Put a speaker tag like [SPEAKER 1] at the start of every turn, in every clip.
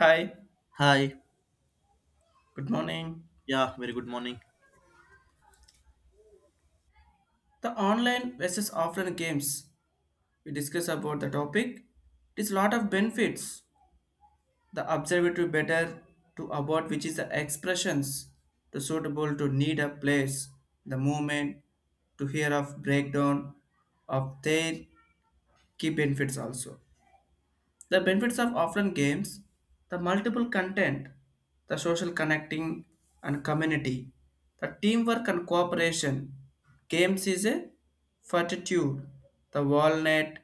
[SPEAKER 1] Hi,
[SPEAKER 2] Hi.
[SPEAKER 1] good morning.
[SPEAKER 2] Yeah, very good morning.
[SPEAKER 1] The online versus offline games we discuss about the topic. It is lot of benefits. The observatory better to about which is the expressions to suitable to need a place, the movement, to hear of breakdown of their key benefits also. The benefits of offline games, the multiple content, the social connecting and community, the teamwork and cooperation. Games is a fortitude, the wall net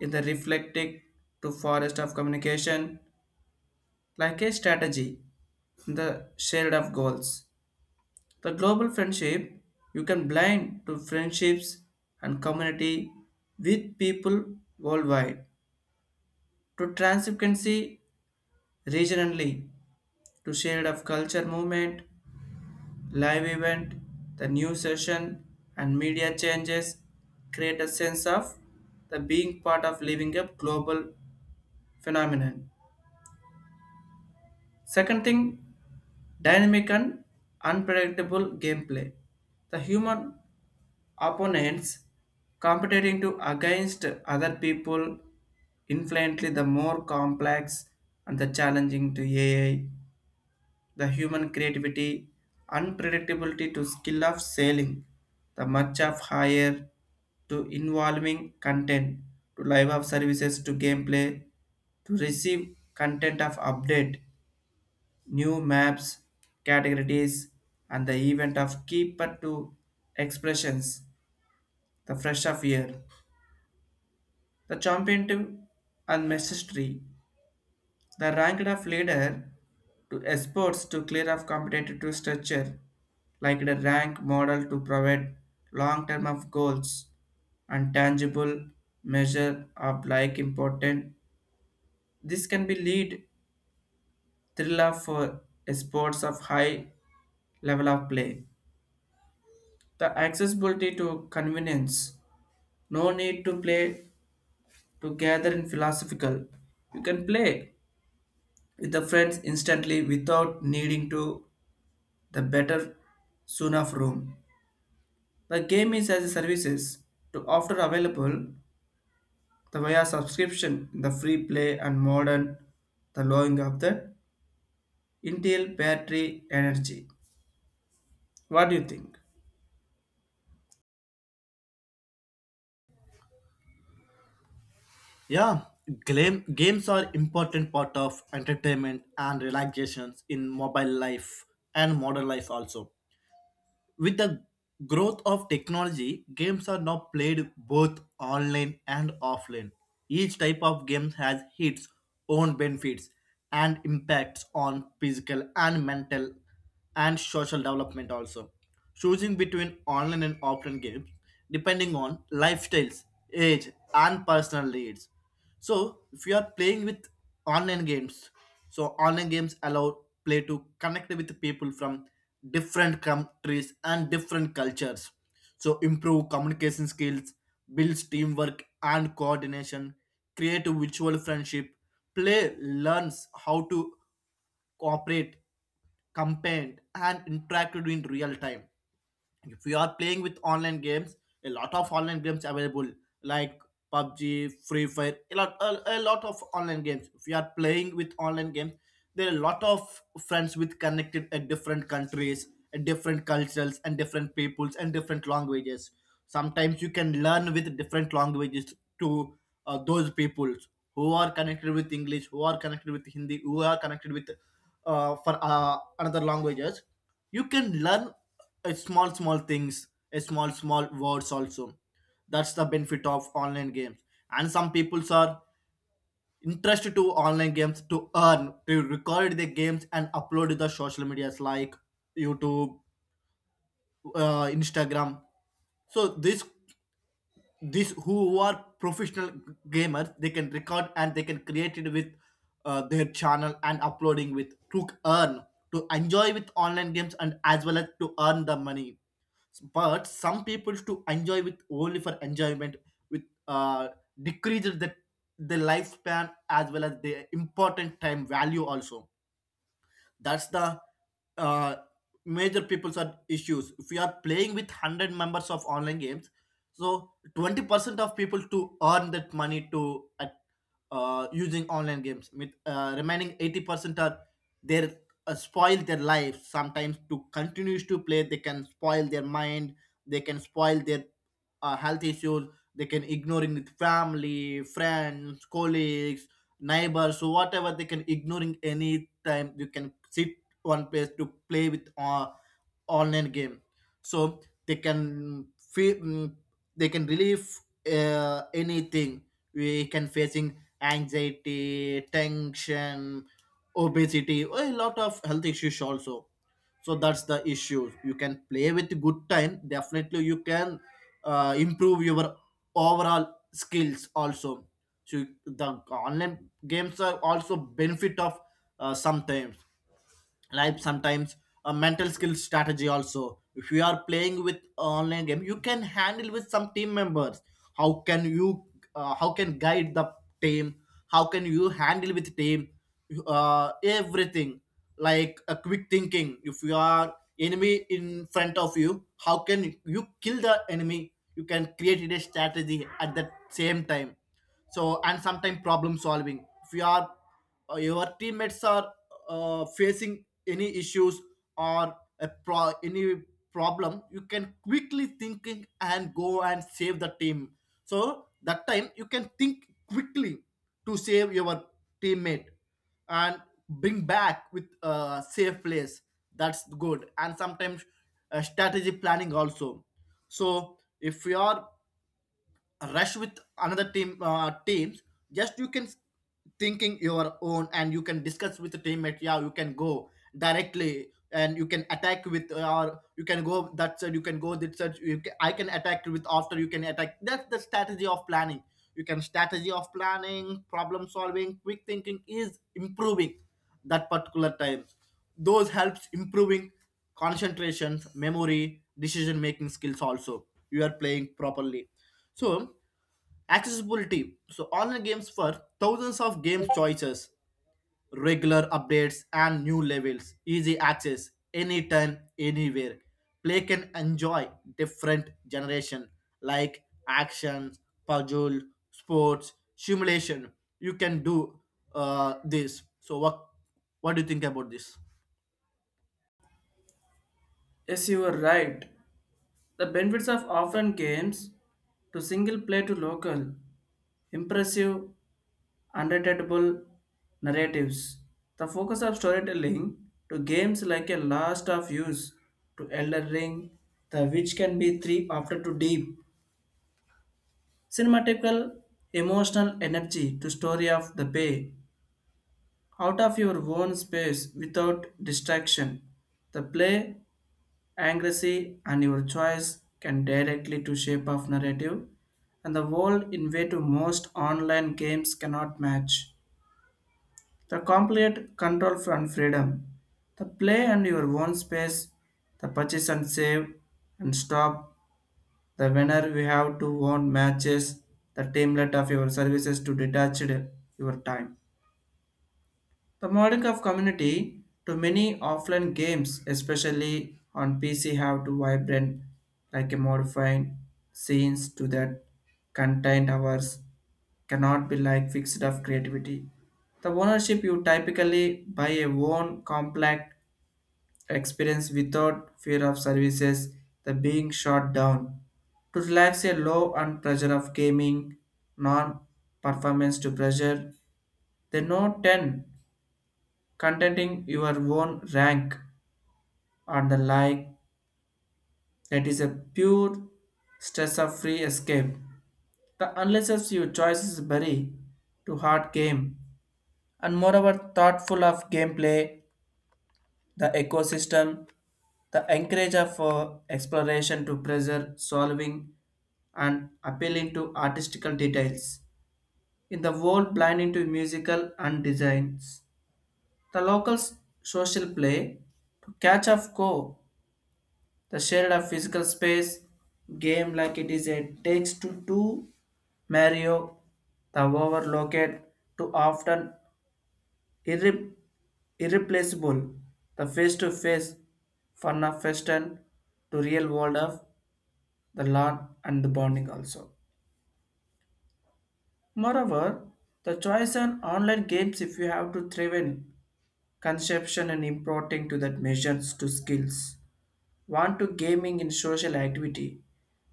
[SPEAKER 1] in the reflecting to forest of communication, like a strategy the shared of goals. The global friendship you can blind to friendships and community with people worldwide to transparency regionally to shade of culture movement, live event, the new session and media changes create a sense of the being part of living a global phenomenon. Second thing, dynamic and unpredictable gameplay. The human opponents competing to against other people infinitely the more complex and the challenging to AI, the human creativity, unpredictability to skill of sailing, the much of higher to involving content to live of services to gameplay to receive content of update, new maps, categories, and the event of keeper to expressions, the fresh of year, the championship and mastery. The rank of leader to exports to clear of competitive structure, like the rank model to provide long term of goals and tangible measure of like important. This can be lead thriller for sports of high level of play. The accessibility to convenience, no need to play to gather in philosophical. You can play with the friends instantly without needing to the better soon of room. The game is as a services to offer available the via subscription the free play and modern the lowering of the Intel battery energy. What do you think?
[SPEAKER 2] Yeah, games are important part of entertainment and relaxations in mobile life and modern life also. With the growth of technology, games are now played both online and offline. Each type of game has its own benefits and impacts on physical and mental and social development also. Choosing between online and offline games depending on lifestyles, age, and personal needs. So if you are playing with online games, so online games allow play to connect with people from different countries and different cultures. So improve communication skills, builds teamwork and coordination, create a virtual friendship. Play learns how to cooperate, compare, and interact in real time if you are playing with online games a lot of online games available like PUBG Free Fire a lot of online games if you are playing with online games there are a lot of friends with connected at different countries at different cultures and different peoples and different languages sometimes you can learn with different languages to those peoples who are connected with English who are connected with Hindi who are connected with for another languages you can learn small small things small small words also. That's the benefit of online games and some people are interested to online games to earn to record the games and upload to the social medias like YouTube, Instagram. So this these who are professional gamers they can record and they can create it with their channel and uploading with to earn to enjoy with online games and as well as to earn the money but some people to enjoy with only for enjoyment with uh decreases the lifespan as well as the important time value also. That's the uh, major people's are issues. If we are playing with 100 members of online games, so 20% of people to earn that money to using online games with remaining 80% are their spoil their life sometimes to continues to play they can spoil their mind they can spoil their health issues they can ignoring with family friends colleagues neighbors so whatever they can ignoring any time you can sit one place to play with online game so they can feel they can relieve anything we can facing anxiety, tension, obesity, a lot of health issues also. So that's the issue. You can play with good time. Definitely, you can improve your overall skills also. So the online games are also benefit of sometimes like sometimes a mental skill strategy also if you are playing with online game you can handle with some team members how can you how can guide the team how can you handle with team everything like a quick thinking if you are enemy in front of you how can you kill the enemy you can create a strategy at the same time so and sometimes problem solving if you are your teammates are facing any issues or any problem you can quickly thinking and go and save the team so that time you can think quickly to save your teammate and bring back with a safe place that's good and sometimes strategy planning also so if you are rush with another teams just you can thinking your own and you can discuss with the teammate yeah you can go directly and you can attack with or you can go that side you can go that side I can attack with after you can attack that's the strategy of planning you can strategy of planning problem solving quick thinking is improving that particular times those helps improving concentrations memory decision making skills also you are playing properly so, accessibility. So, online games for thousands of game choices, regular updates, and new levels. Easy access anytime, anywhere. Play can enjoy different generation like action, puzzle, sports, simulation. You can do this. So, what do you think about this?
[SPEAKER 1] Yes, you are right. The benefits of offline games to single play to local impressive unreadable narratives. The focus of storytelling to games like a last of use to Elder Ring, the which can be three after to deep. Cinematical emotional energy to story of the bay out of your own space without distraction. The play, accuracy, and your choice can directly to shape of narrative and the world in way to most online games cannot match. The complete control from freedom, the play and your own space, the purchase and save and stop, the winner we have to own matches, the teamlet of your services to detached your time. The model of community to many offline games, especially on PC, have to vibrant like a modifying scenes to that contained hours cannot be like fixed of creativity. The ownership you typically buy a own complex experience without fear of services the being shut down. To relax a low and pressure of gaming, non-performance to pressure, the note 10 contenting your own rank and the like that is a pure stress of free escape. The unless your choices bury to hard game and moreover thoughtful of gameplay, the ecosystem, the encourage of exploration to pleasure solving and appealing to artistical details. In the world blinding to musical and designs, the locals social play to catch of go, the shared of physical space game like it is a takes to two Mario, the overlooked to often irre- irreplaceable, the face-to-face fun of Western to real world of the lawn and the bonding also. Moreover, the choice on online games if you have to thriven conception and importing to that measures to skills. Want to gaming in social activity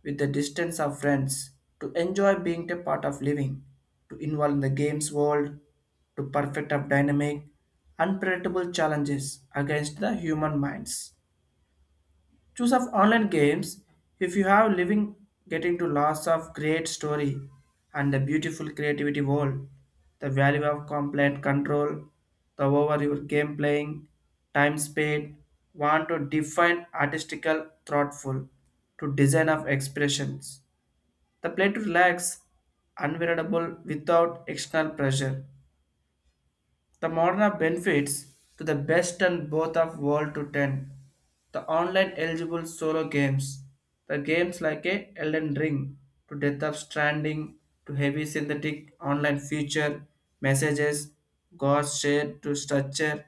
[SPEAKER 1] with the distance of friends to enjoy being a part of living, to involve in the games world, to perfect of dynamic, unpredictable challenges against the human minds. Choose of online games if you have living getting to lots of great story and the beautiful creativity world, the value of complaint control, the over your game playing, time spent, want to define artistical thoughtful to design of expressions. The play to relax, unwearable without external pressure the modern benefits to the best and both of world to 10. The online eligible solo games. The games like a Elden Ring to Death of Stranding to heavy synthetic online feature messages, God share to structure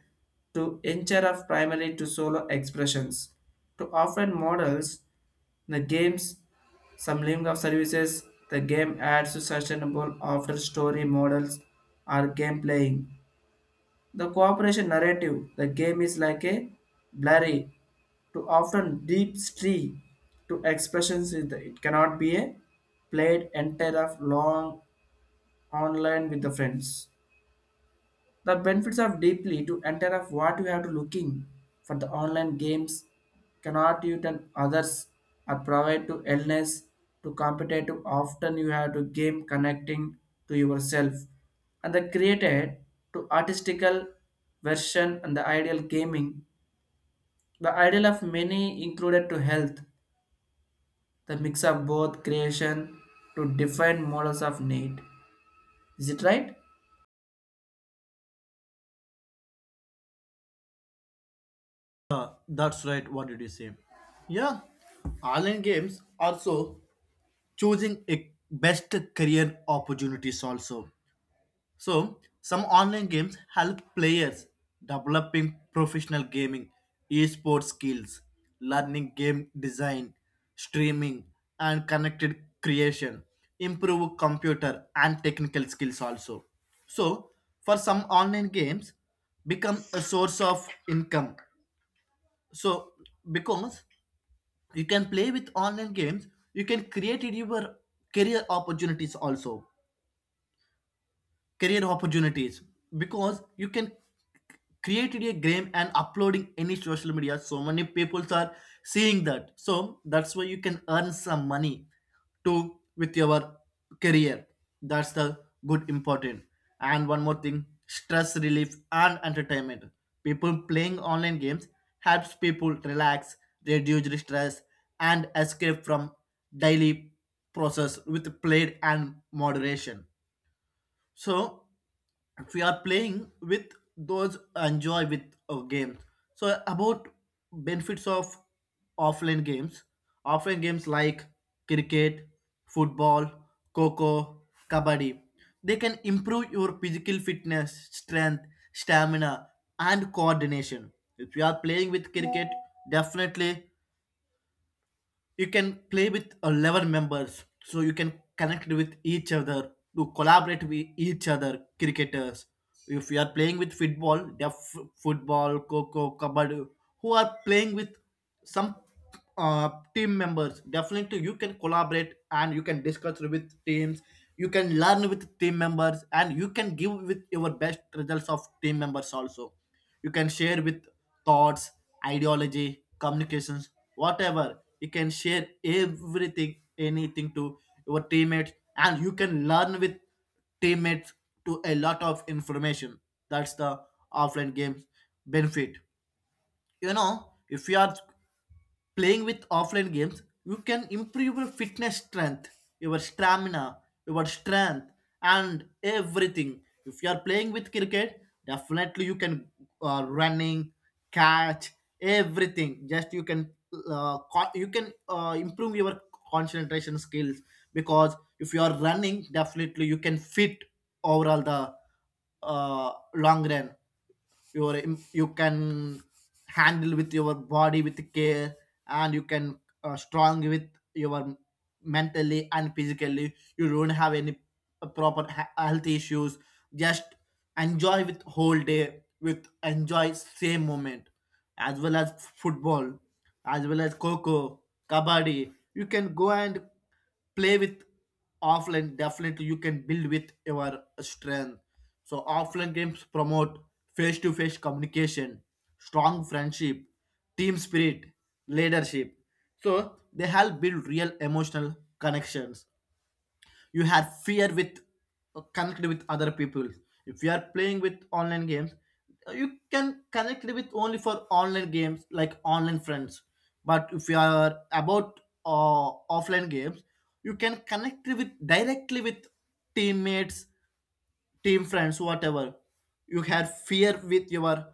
[SPEAKER 1] to incher of primary to solo expressions to offline models, the games some link of services, the game adds to sustainable after story models or game playing, the cooperation narrative, the game is like a blurry to often deep stream to expressions, is it cannot be a played entire of long online with the friends, the benefits of deeply to enter of what you have to looking for the online games cannot you and others are provide to illness to competitive often you have to game connecting to yourself and the created to artistical version and the ideal gaming the ideal of many included to health the mix of both creation to different models of need. Is it right?
[SPEAKER 2] That's right. What did you say? Yeah, online games also. Choosing a best career opportunities also so some online games help players developing professional gaming esports skills learning game design streaming and connected creation improve computer and technical skills also so for some online games become a source of income so because you can play with online games you can create your career opportunities also career opportunities because you can create a game and uploading any social media so many people are seeing that so that's why you can earn some money to with your career that's the good important and one more thing stress relief and entertainment people playing online games helps people relax reduce the stress and escape from daily process with played and moderation so we are playing with those enjoy with games. So about benefits of offline games. Offline games like cricket, football, coco, kabaddi. They can improve your physical fitness, strength, stamina, and coordination. If you are playing with cricket, definitely you can play with 11 members so you can connect with each other to collaborate with each other cricketers if you are playing with football there are football coco kabaddi who are playing with some uh, team members definitely you can collaborate and you can discuss with teams you can learn with team members and you can give with your best results of team members also you can share with thoughts, ideology, communications, whatever. You can share everything, anything to your teammates, and you can learn with teammates to a lot of information. That's the offline games benefit. If you are playing with offline games, you can improve your fitness strength, your stamina, your strength, and everything. If you are playing with cricket, definitely you can running, catch, everything. Just you can improve your concentration skills because if you are running, definitely you can fit overall the long run you can handle with your body with care and you can strong with your mentally and physically you don't have any proper health issues just enjoy with whole day with enjoy same moment as well as football as well as coco kabaddi you can go and play with offline definitely you can build with your strength so offline games promote face-to-face communication strong friendship team spirit leadership so they help build real emotional connections you have fear with connect with other people if you are playing with online games you can connect with only for online games like online friends but if you are about uh, offline games you can connect with directly with teammates team friends, whatever. You have fear with your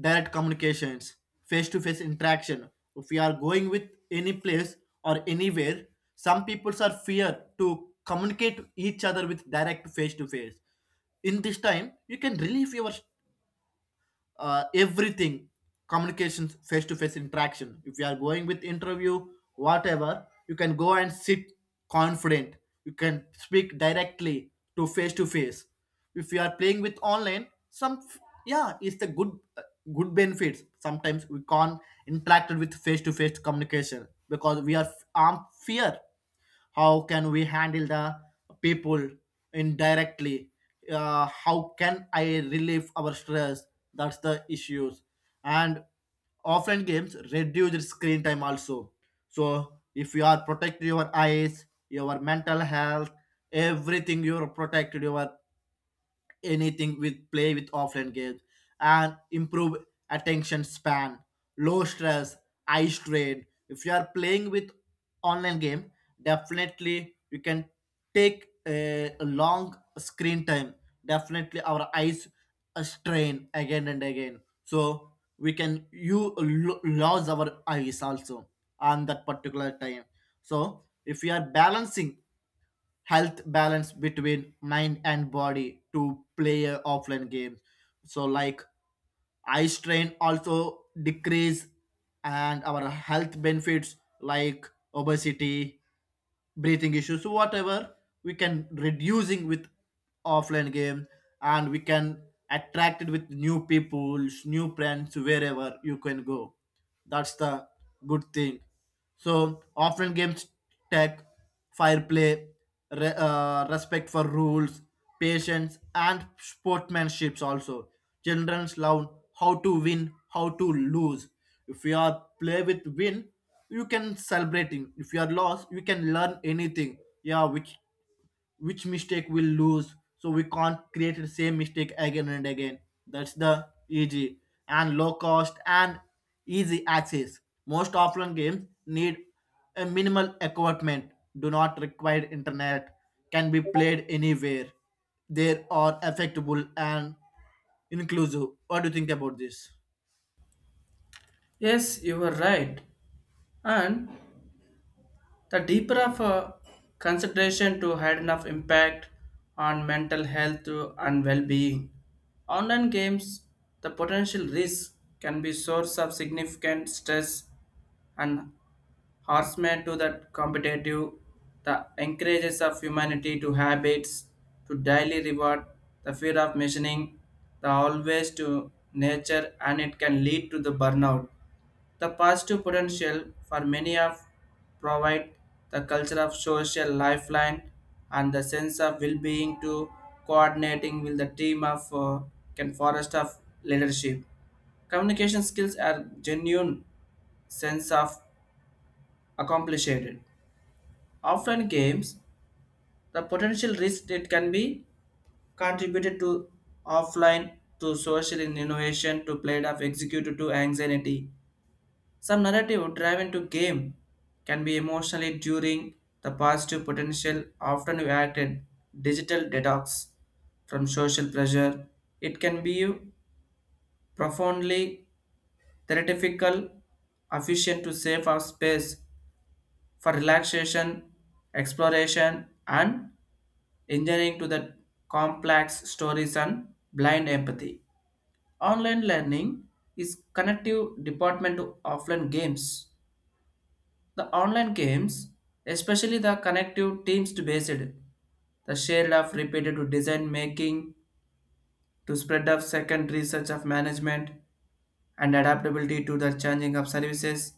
[SPEAKER 2] direct communications, face to face interaction. If we are going with any place or anywhere, some people are fear to communicate each other with direct face to face. In this time, you can relieve your everything communications face to face interaction if you are going with interview whatever you can go and sit confident you can speak directly to face if you are playing with online some yeah it's the good benefits sometimes we can't interact with face to face communication because we are armed fear how can we handle the people indirectly how can I relieve our stress that's the issues and offline games reduce screen time also so if you are protecting your eyes your mental health everything you're protected your anything with play with offline games and improve attention span low stress eye strain if you are playing with online game definitely you can take a long screen time definitely our eyes strain again and again so we can lose our eyes also on that particular time so if we are balancing health balance between mind and body to play a offline games. So like eye strain also decrease and our health benefits like obesity, breathing issues, so whatever we can reducing with offline game and we can attract it with new people, new friends wherever you can go. That's the good thing. So offline games tech fair play, respect for rules, patience, and sportsmanship. Also, children learn how to win, how to lose. If you are play with win, you can celebrating. If you are lost, you can learn anything. Yeah, which mistake we'll lose so we can't create the same mistake again and again that's the easy and low cost and easy access most offline games need a minimal equipment do not require internet can be played anywhere they are affectable and inclusive what do you think about this?
[SPEAKER 1] Yes, you were right. And the deeper of a consideration to had enough impact on mental health and well-being. Online games, the potential risk can be source of significant stress and harassment to that competitive, the encourages of humanity to habits, to daily reward, the fear of measuring, the always to nature and it can lead to the burnout, the positive potential for many of provide the culture of social lifeline and the sense of well-being to coordinating with the team of can forest of leadership. Communication skills are genuine sense of accomplishment. Offline games, the potential risk it can be contributed to offline to social innovation to play of executed to anxiety. Some narrative driven to game can be emotionally during the positive potential often acted digital detox from social pressure. It can be profoundly therapeutical, efficient to save our space for relaxation, exploration, and engineering to the complex stories and blind empathy. Online learning is connective department to offline games. The online games, especially the connective teams to based, the share of repeated to design making, to spread of second research of management and adaptability to the changing of services,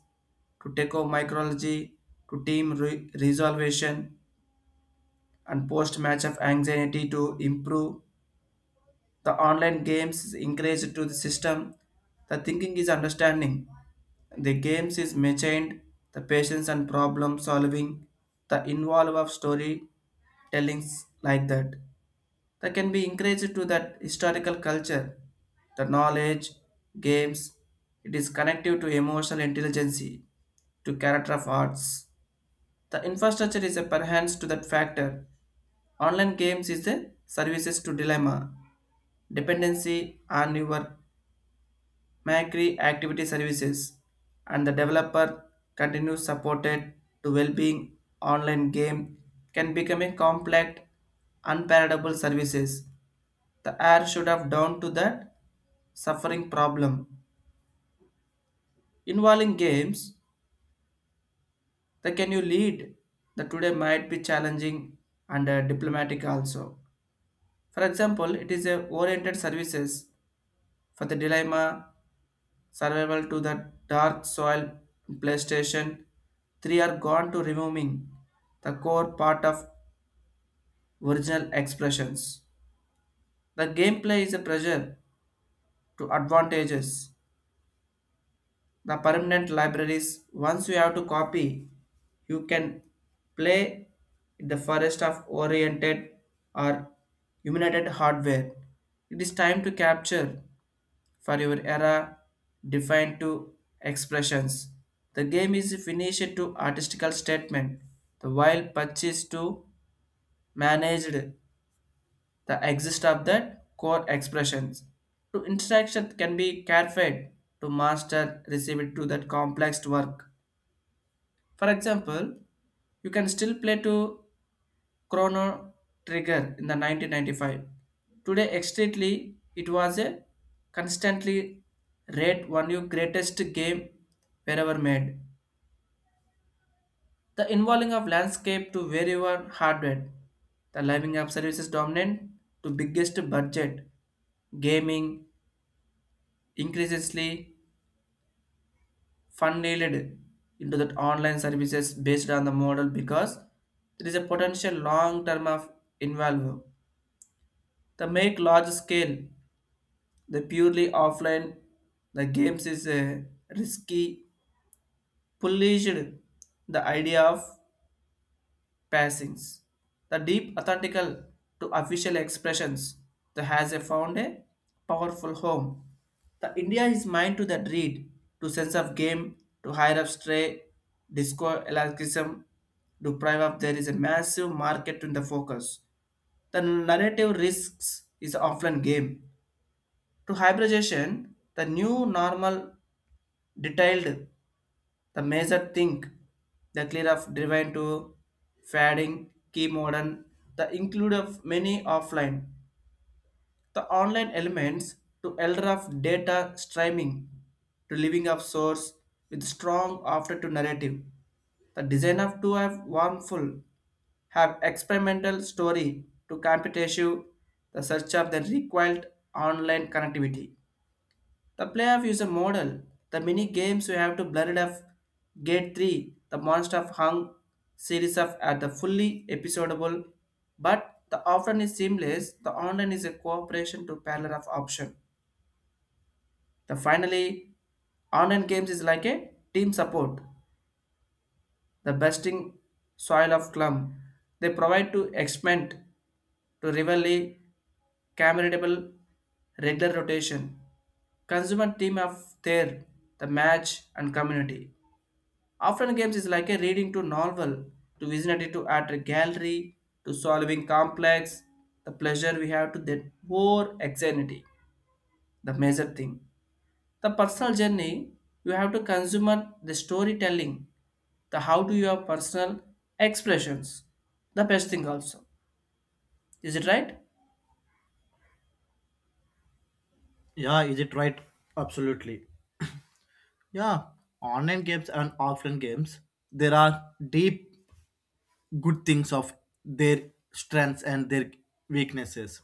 [SPEAKER 1] to take over micrology, to team resolution and post match of anxiety to improve. The online games is encouraged to the system. The thinking is understanding. The games is maintained. The patience and problem solving. The involve of story tellings like that. That can be encouraged to that historical culture. The knowledge, games, it is connective to emotional intelligence, to character of arts. The infrastructure is a perhance to that factor. Online games is the services to dilemma dependency on your macri activity services and the developer continues supported to well-being online game can become a complex unpalatable services, the air should have down to that suffering problem involving games that can you lead the today might be challenging and diplomatic also. For example, it is a oriented services for the dilemma survival to the dark soil. PlayStation 3 are gone to removing the core part of original expressions. The gameplay is a pressure to advantages. The permanent libraries, once you have to copy, you can play in the forest of oriented or illuminated hardware. It is time to capture for your era defined to expressions. The game is finished to artistical statement, the while purchase to managed the exist of the core expressions. To interaction can be clarified to master received to that complex work. For example, you can still play to Chrono Trigger in the 1995. Today, extremely, it was a constantly rate one of greatest game wherever made. The involving of landscape to wherever hardware. The living app services dominant to biggest budget. Gaming increasingly funneled into the online services based on the model because there is a potential long term of involve. The make large scale the purely offline, the games is a risky, polished the idea of passings. The deep authentical to official expressions that has a found a powerful home. The India is mind to that read, to sense of game, to higher up stray, disco elastism, to prime up there is a massive market in the focus. The narrative risks is offline game. To hybridization, the new normal detailed the major think the clear of divine to fading key modern the include of many offline the online elements to elder of data streaming to living of source with strong after to narrative the design of to have one have experimental story to competitive the search of the required online connectivity the playoff is a model. The mini games you have to blend of Gate 3, the Monster of Hung series of at the fully episodable, but the offline is seamless. The online is a cooperation to parallel of option. The finally, online games is like a team support. The besting soil of clum. They provide to experiment to rivalry commendable regular rotation. Consumer team of their the match and community. Often games is like a reading to novel, to visionary to art gallery, to solving complex, the pleasure we have to that more anxiety, the major thing. The personal journey, you have to consumer the storytelling, the how do your personal expressions, the best thing also. Is it right?
[SPEAKER 2] Yeah, is it right? Absolutely. Yeah, online games and offline games there are deep good things of their strengths and their weaknesses.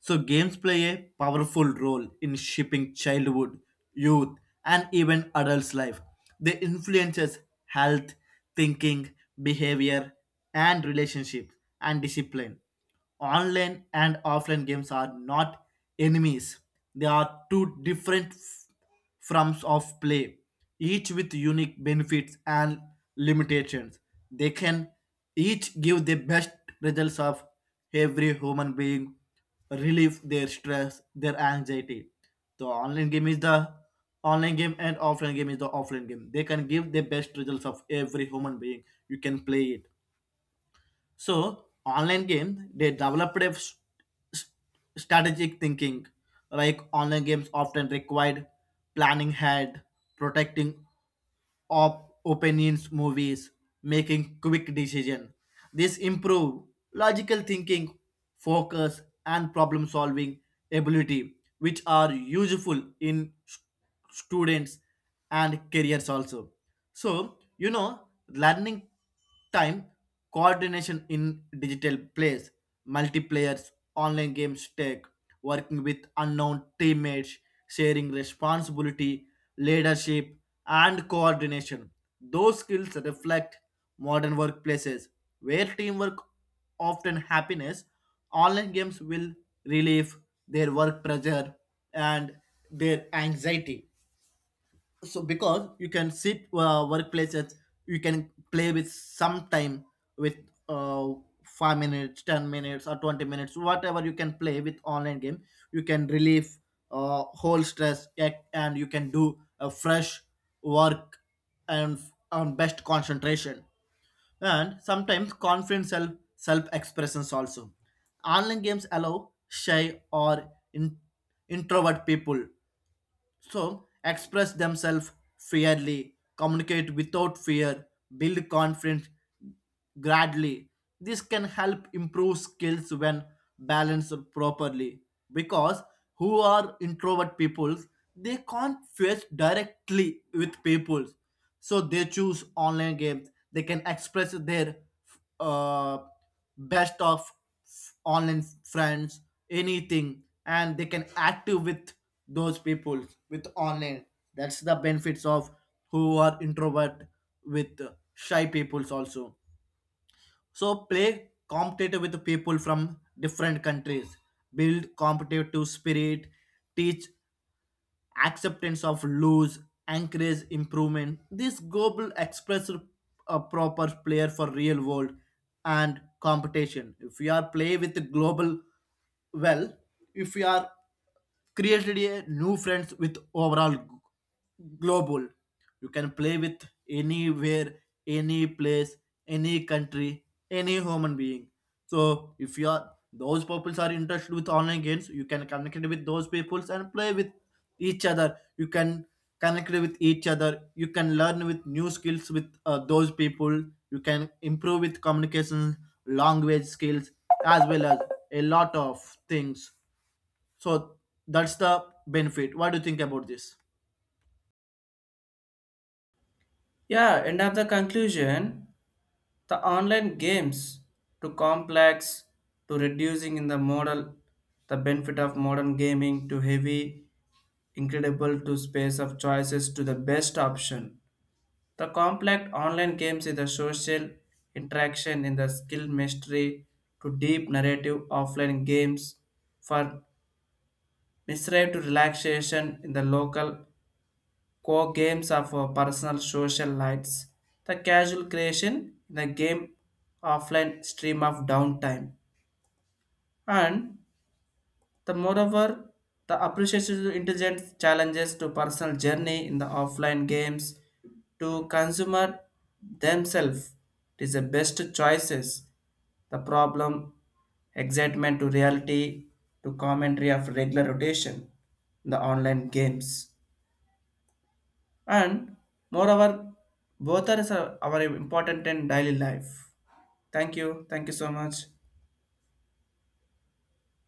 [SPEAKER 2] So, games play a powerful role in shaping childhood, youth, and even adults' life. They influences health, thinking, behavior, and relationships and discipline. Online and offline games are not enemies; they are two different forms of play, each with unique benefits and limitations. They can each give the best results of every human being, relieve their stress, their anxiety. The online game is the online game and offline game is the offline game. They can give the best results of every human being. You can play it. So online game they developed a s- strategic thinking. Like online games often required planning ahead, protecting opinions, movies, making quick decision. This improve logical thinking, focus, and problem solving ability, which are useful in students and careers also. So learning time coordination in digital plays multiplayers online games take working with unknown teammates sharing responsibility leadership and coordination those skills reflect modern workplaces where teamwork often happiness online games will relieve their work pressure and their anxiety so because you can sit workplaces you can play with some time with uh, 5 minutes 10 minutes or 20 minutes whatever you can play with online game you can relieve whole stress and you can do a fresh work and on best concentration and sometimes confident self expressions also. Online games allow shy or introvert people so, express themselves fairly, communicate without fear, build confidence gradually. This can help improve skills when balanced properly. Because who are introvert peoples, they can't face directly with people. So they choose online games. They can express their uh, best of online friends anything and they can active with those people with online that's the benefits of who are introvert with shy peoples also so play competitive with the people from different countries build competitive spirit teach acceptance of loss, encourage improvement. This global express a proper player for real world and competition. If we are play with the global well, if we are created a new friends with overall global. You can play with anywhere, any place, any country, any human being. So if you are those peoples are interested with online games, you can connect with those peoples and play with each other. You can connect with each other. You can learn with new skills with those people. You can improve with communication, language skills, as well as a lot of things. So that's the benefit. What do you think about this?
[SPEAKER 1] Yeah, end of the conclusion, the online games too complex to reducing in the model, the benefit of modern gaming to heavy, incredible to space of choices to the best option. The complex online games is the social interaction in the skill mastery to deep narrative offline games for misrate to relaxation in the local core games of personal social lights. The casual creation, the game offline stream of downtime. And the moreover, the appreciation to intelligent challenges to personal journey in the offline games to consumer themselves. It is the best choices. The problem, excitement to reality, to commentary of regular rotation the online games. And moreover both are important in daily life. Thank you, thank you so much.